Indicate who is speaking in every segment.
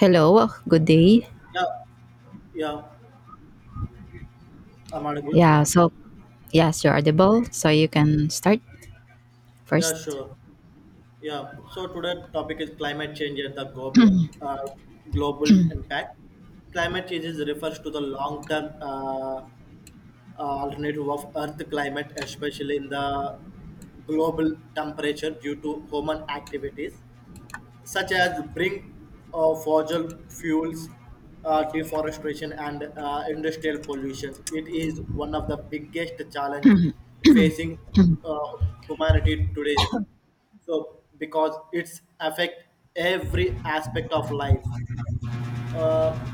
Speaker 1: Hello, good day.
Speaker 2: Yeah, yeah, I'm audible.
Speaker 1: Yeah, so yes, you're audible, so you can start
Speaker 2: Yeah,
Speaker 1: first.
Speaker 2: sure. Yeah. So today topic is climate change and the global impact. Climate changes refers to the long-term alternative of Earth climate, especially in the global temperature due to human activities. Such as brink fossil fuels, deforestation, and industrial pollution. It is one of the biggest challenge facing uh, humanity today. So, because it's affect every aspect of life, uh,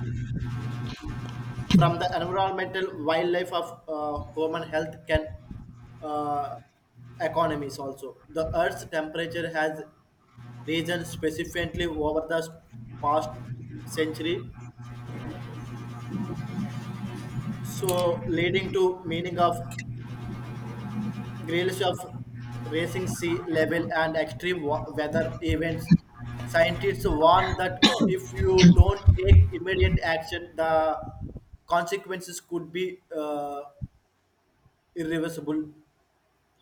Speaker 2: from the environmental wildlife of human health can uh, economies also. The Earth's temperature has region specifically over the past century, so leading to meaning of grills of racing sea level and weather events. Scientists warn that if you don't take immediate action, the consequences could be irreversible.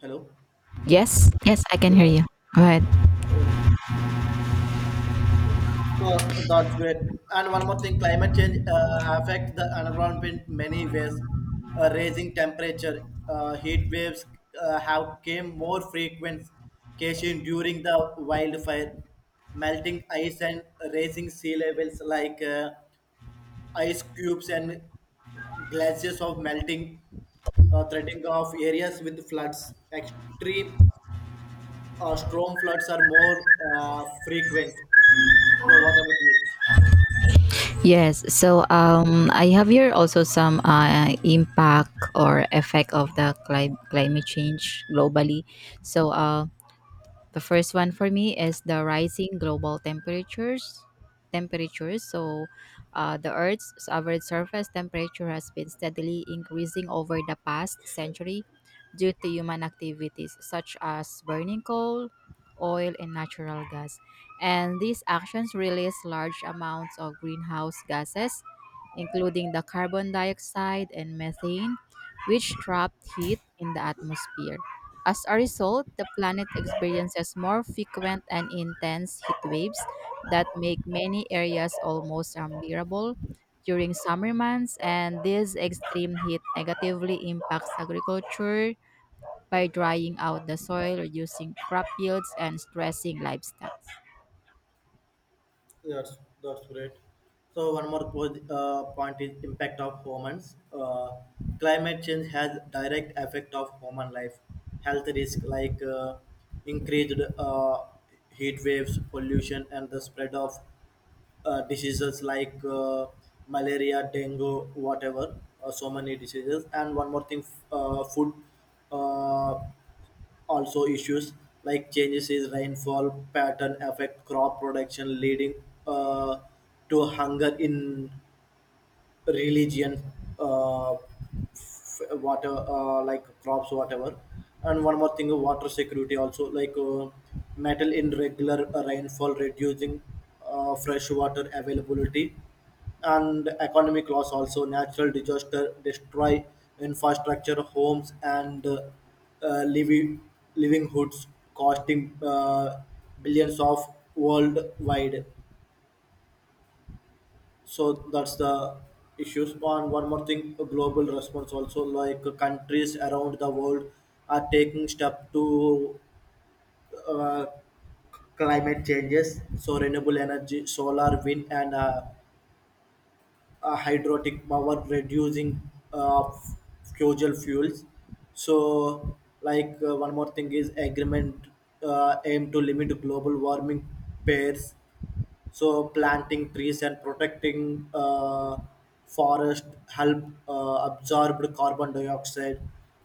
Speaker 2: Hello.
Speaker 1: Yes, yes, I can hear
Speaker 2: Yeah.
Speaker 1: you. Go ahead.
Speaker 2: Uh, So that's great. And one more thing, climate change affect the environment in many ways. Raising temperature, heat waves have came more frequent occasion during the wildfire, melting ice and raising sea levels like ice cubes and glaciers of melting, threatening of areas with floods. Extreme storm floods are more frequent. So what about you?
Speaker 1: Yes, so I have here also some impact or effect of the climate change globally. So uh. The first one for me is the rising global temperatures. Temperatures. So, the Earth's average surface temperature has been steadily increasing over the past century due to human activities such as burning coal, oil, and natural gas. And these actions release large amounts of greenhouse gases, including the carbon dioxide and methane, which trap heat in the atmosphere. As a result, the planet experiences more frequent and intense heat waves that make many areas almost unbearable during summer months, and this extreme heat negatively impacts agriculture by drying out the soil, reducing crop yields, and stressing livestock.
Speaker 2: Yes, that's great. So one more point is impact of humans. Climate change has direct effect of human life. Health risk like increased heat waves, pollution, and the spread of diseases like malaria, dengue, whatever. So many diseases. And one more thing, food. Uh, Also, issues like changes in rainfall pattern affect crop production, leading uh, to hunger in religion, water, like crops, whatever. And one more thing, water security also, like metal in regular rainfall, reducing fresh water availability, and economic loss also, natural disaster destroy infrastructure, homes, and living livelihoods, costing billions of worldwide. So that's the issues. And one more thing, a global response also, like countries around the world are taking step to uh, climate changes. So renewable energy, solar, wind, and hydrotic power, reducing uh, f- fossil fuels. So, like one more thing is agreement aim to limit global warming pairs. So planting trees and protecting forest help absorb carbon dioxide,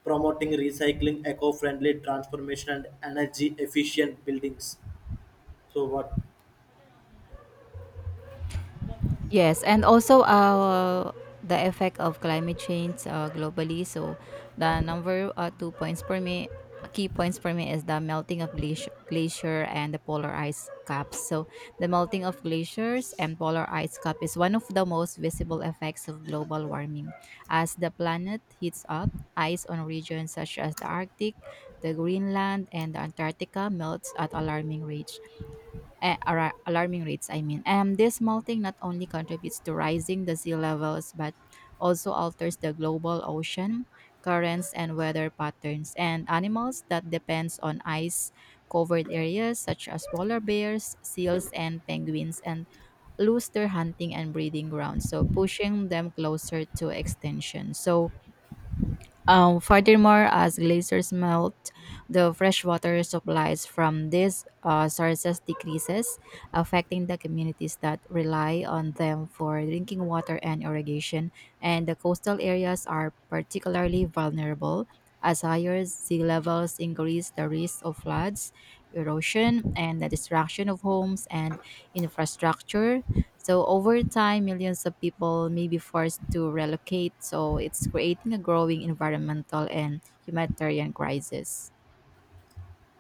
Speaker 2: promoting recycling, eco-friendly transformation, and energy efficient buildings. So what?
Speaker 1: Yes, and also the effect of climate change globally. So the number two points for me, key points for me is the melting of glacier, glacier and the polar ice caps. So the melting of glaciers and polar ice cap is one of the most visible effects of global warming. As the planet heats up, ice on regions such as the Arctic, the Greenland, and the Antarctica melts at alarming rate alarming rates, I mean. And this melting not only contributes to rising the sea levels, but also alters the global ocean currents and weather patterns. And animals that depends on ice covered areas such as polar bears, seals and penguins and lose their hunting and breeding grounds, so pushing them closer to extinction. So furthermore, as glaciers melt, the freshwater supplies from these sources decreases, affecting the communities that rely on them for drinking water and irrigation. And the coastal areas are particularly vulnerable as higher sea levels increase the risk of floods, erosion, and the destruction of homes and infrastructure. So over time, millions of people may be forced to relocate. So it's creating a growing environmental and humanitarian crisis.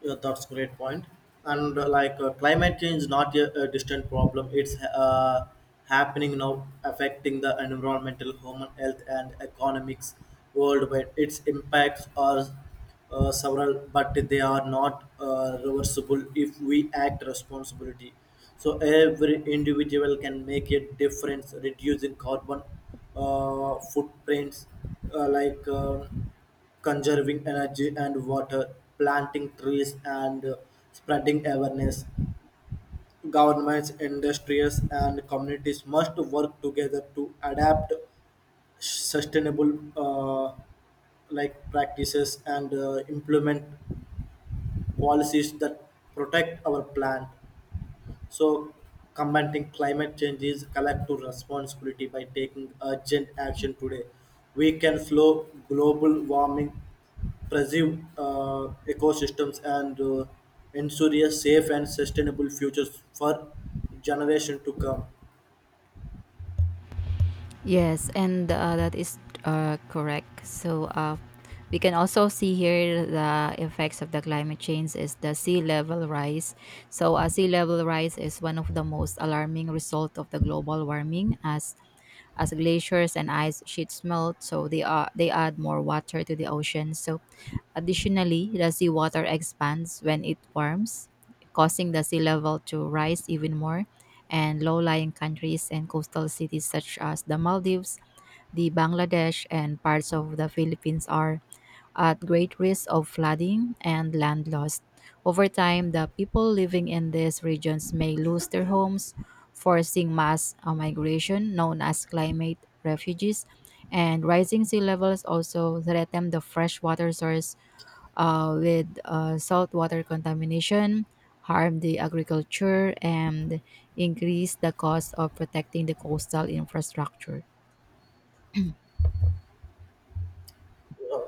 Speaker 2: Yeah, that's great point. And like climate change is not a distant problem. It's happening now, affecting the environmental, human health, and economics worldwide. Its impacts are several, but they are not reversible if we act responsibility. So every individual can make a difference, reducing carbon footprints, uh, like. um conserving energy and water, planting trees, and spreading awareness. Governments, industries, and communities must work together to adapt sustainable like practices, and implement policies that protect our planet. So, combating climate change is collective responsibility by taking urgent action today. We can slow global warming, preserve ecosystems, and ensure a safe and sustainable future for generation to come.
Speaker 1: Yes, and that is correct. So we can also see here the effects of the climate change is the sea level rise. So a sea level rise is one of the most alarming result of the global warming as glaciers and ice sheets melt, so they add more water to the ocean. So additionally, the seawater expands when it warms, causing the sea level to rise even more. And low-lying countries and coastal cities such as the Maldives, the Bangladesh, and parts of the Philippines are at great risk of flooding and land loss. Over time, the people living in these regions may lose their homes, forcing mass migration known as climate refugees. And rising sea levels also threaten the freshwater source with saltwater contamination, harm the agriculture, and increase the cost of protecting the coastal infrastructure.
Speaker 2: Uh,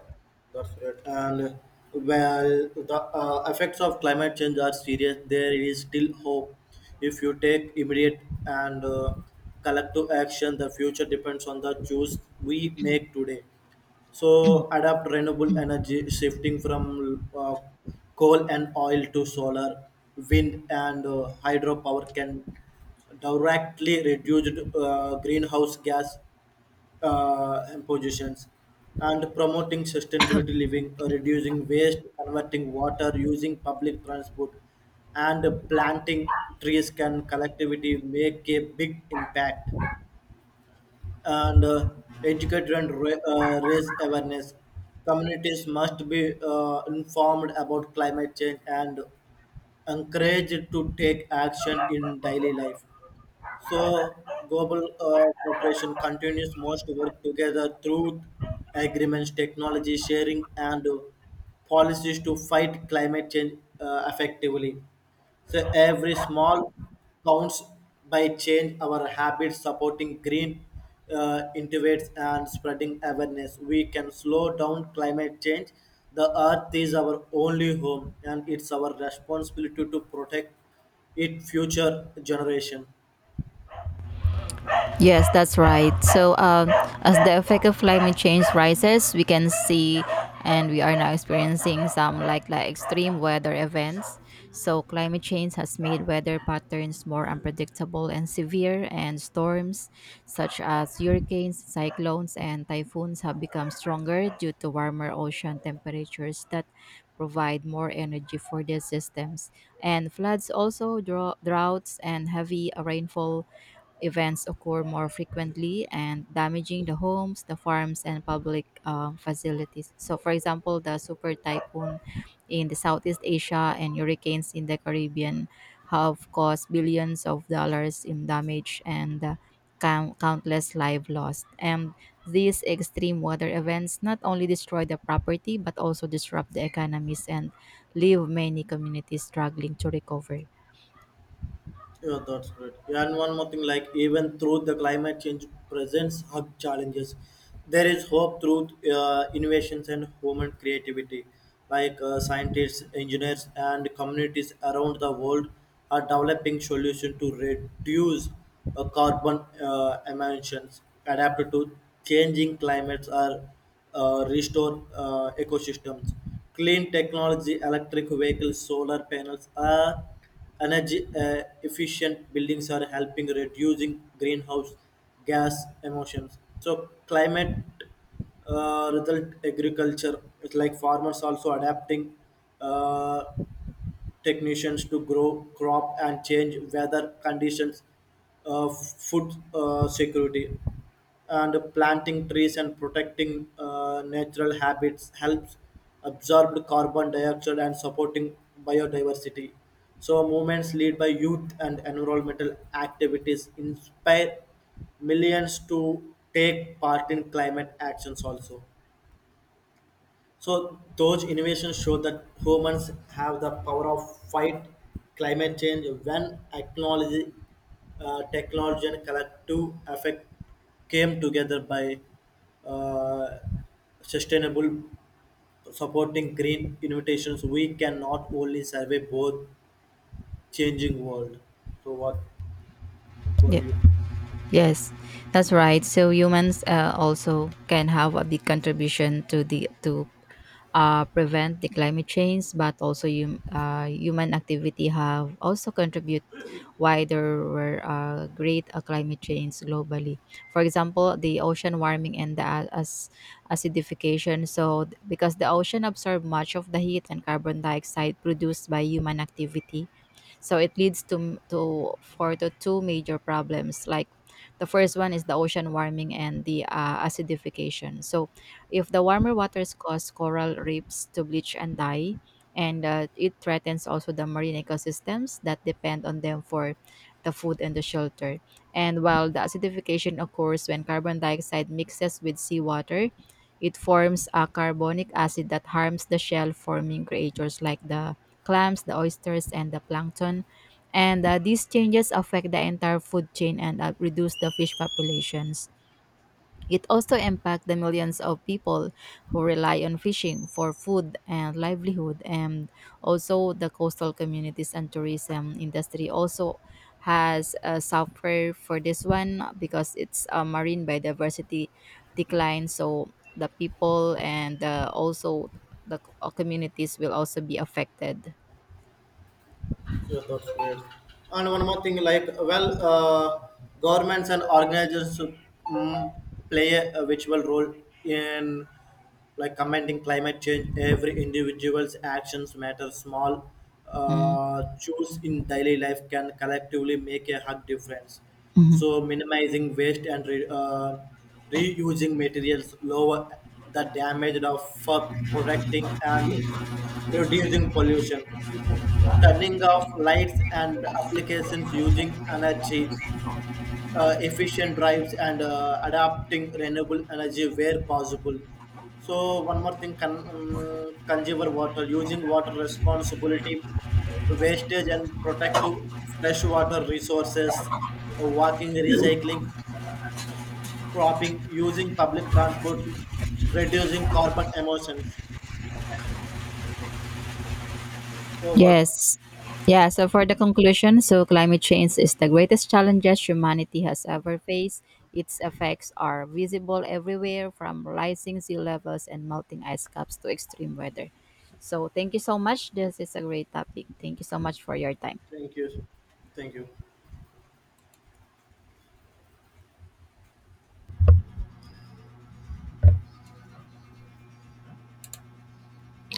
Speaker 2: that's right. And while the effects of climate change are serious, there is still hope. If you take immediate and collective action, the future depends on the choice we make today. So adapt renewable energy, shifting from coal and oil to solar, wind, and hydropower can directly reduce greenhouse gas impositions, and promoting sustainability living, reducing waste, converting water, using public transport, and planting trees can collectivity make a big impact, and educate and raise awareness. Communities must be informed about climate change and encouraged to take action in daily life. So global cooperation continues most work together through agreements, technology sharing, and policies to fight climate change effectively. So every small counts, by change our habits, supporting green innovates and spreading awareness. We can slow down climate change. The earth is our only home, and it's our responsibility to protect it future generation.
Speaker 1: Yes, that's right. So, as the effect of climate change rises, we can see and we are now experiencing some like extreme weather events. So, climate change has made weather patterns more unpredictable and severe, and storms such as hurricanes, cyclones, and typhoons have become stronger due to warmer ocean temperatures that provide more energy for their systems. And floods also, droughts, and heavy rainfall events occur more frequently and damaging the homes, the farms, and public facilities. So, for example, the super typhoon in the Southeast Asia and hurricanes in the Caribbean have caused billions of dollars in damage and countless lives lost. And these extreme weather events not only destroy the property but also disrupt the economies and leave many communities struggling to recover.
Speaker 2: Yeah, that's great. Yeah, and one more thing, like even through the climate change presents hug challenges, there is hope through innovations and human creativity. Like scientists, engineers, and communities around the world are developing solutions to reduce carbon emissions, adapt to changing climates, or restore ecosystems. Clean technology, electric vehicles, solar panels are energy efficient buildings are helping reducing greenhouse gas emissions. So climate result agriculture, it's like farmers also adapting uh, technicians to grow crop and change weather conditions, food security, and planting trees and protecting natural habits helps absorb carbon dioxide and supporting biodiversity. So movements led by youth and environmental activities inspire millions to take part in climate actions also. So those innovations show that humans have the power of fight climate change when acknowledged technology and collective effect came together by uh, sustainable supporting green innovations, we cannot only survey both changing world. So what do
Speaker 1: Yeah.
Speaker 2: you?
Speaker 1: Yes, that's right. So humans also can have a big contribution to the to prevent the climate change, but also human activity have also contribute why there were great climate change globally. For example, the ocean warming and the a- as acidification. So because the ocean absorb much of the heat and carbon dioxide produced by human activity, so it leads to for the two major problems. Like the first one is the ocean warming and the acidification. So if the warmer waters cause coral reefs to bleach and die, and it threatens also the marine ecosystems that depend on them for the food and the shelter. And while the acidification occurs when carbon dioxide mixes with seawater, it forms a carbonic acid that harms the shell forming creatures like the clams, the oysters, and the plankton. And these changes affect the entire food chain and reduce the fish populations. It also impacts the millions of people who rely on fishing for food and livelihood, and also the coastal communities and tourism industry also has suffered for this one because it's a marine biodiversity decline. So the people and also the communities will also be affected.
Speaker 2: Yes, that's great. And one more thing, like well, governments and organizations mm, play a virtual role in like commenting climate change. Every individual's actions matter. Small
Speaker 1: Mm,
Speaker 2: choose in daily life can collectively make a hug difference.
Speaker 1: mhm.
Speaker 2: So minimizing waste and reusing materials, lower the damage of for protecting and reducing pollution, turning off lights and applications, using energy efficient drives, and adapting renewable energy where possible. So one more thing, consumer water, using water responsibility wastage and protective freshwater resources, walking recycling cropping, using public transport, reducing carbon emissions. So what?
Speaker 1: Yes. Yeah, so for the conclusion, so climate change is the greatest challenges humanity has ever faced. Its effects are visible everywhere from rising sea levels and melting ice caps to extreme weather. So thank you so much. This is a great topic. Thank you so much for your time.
Speaker 2: Thank you, thank you.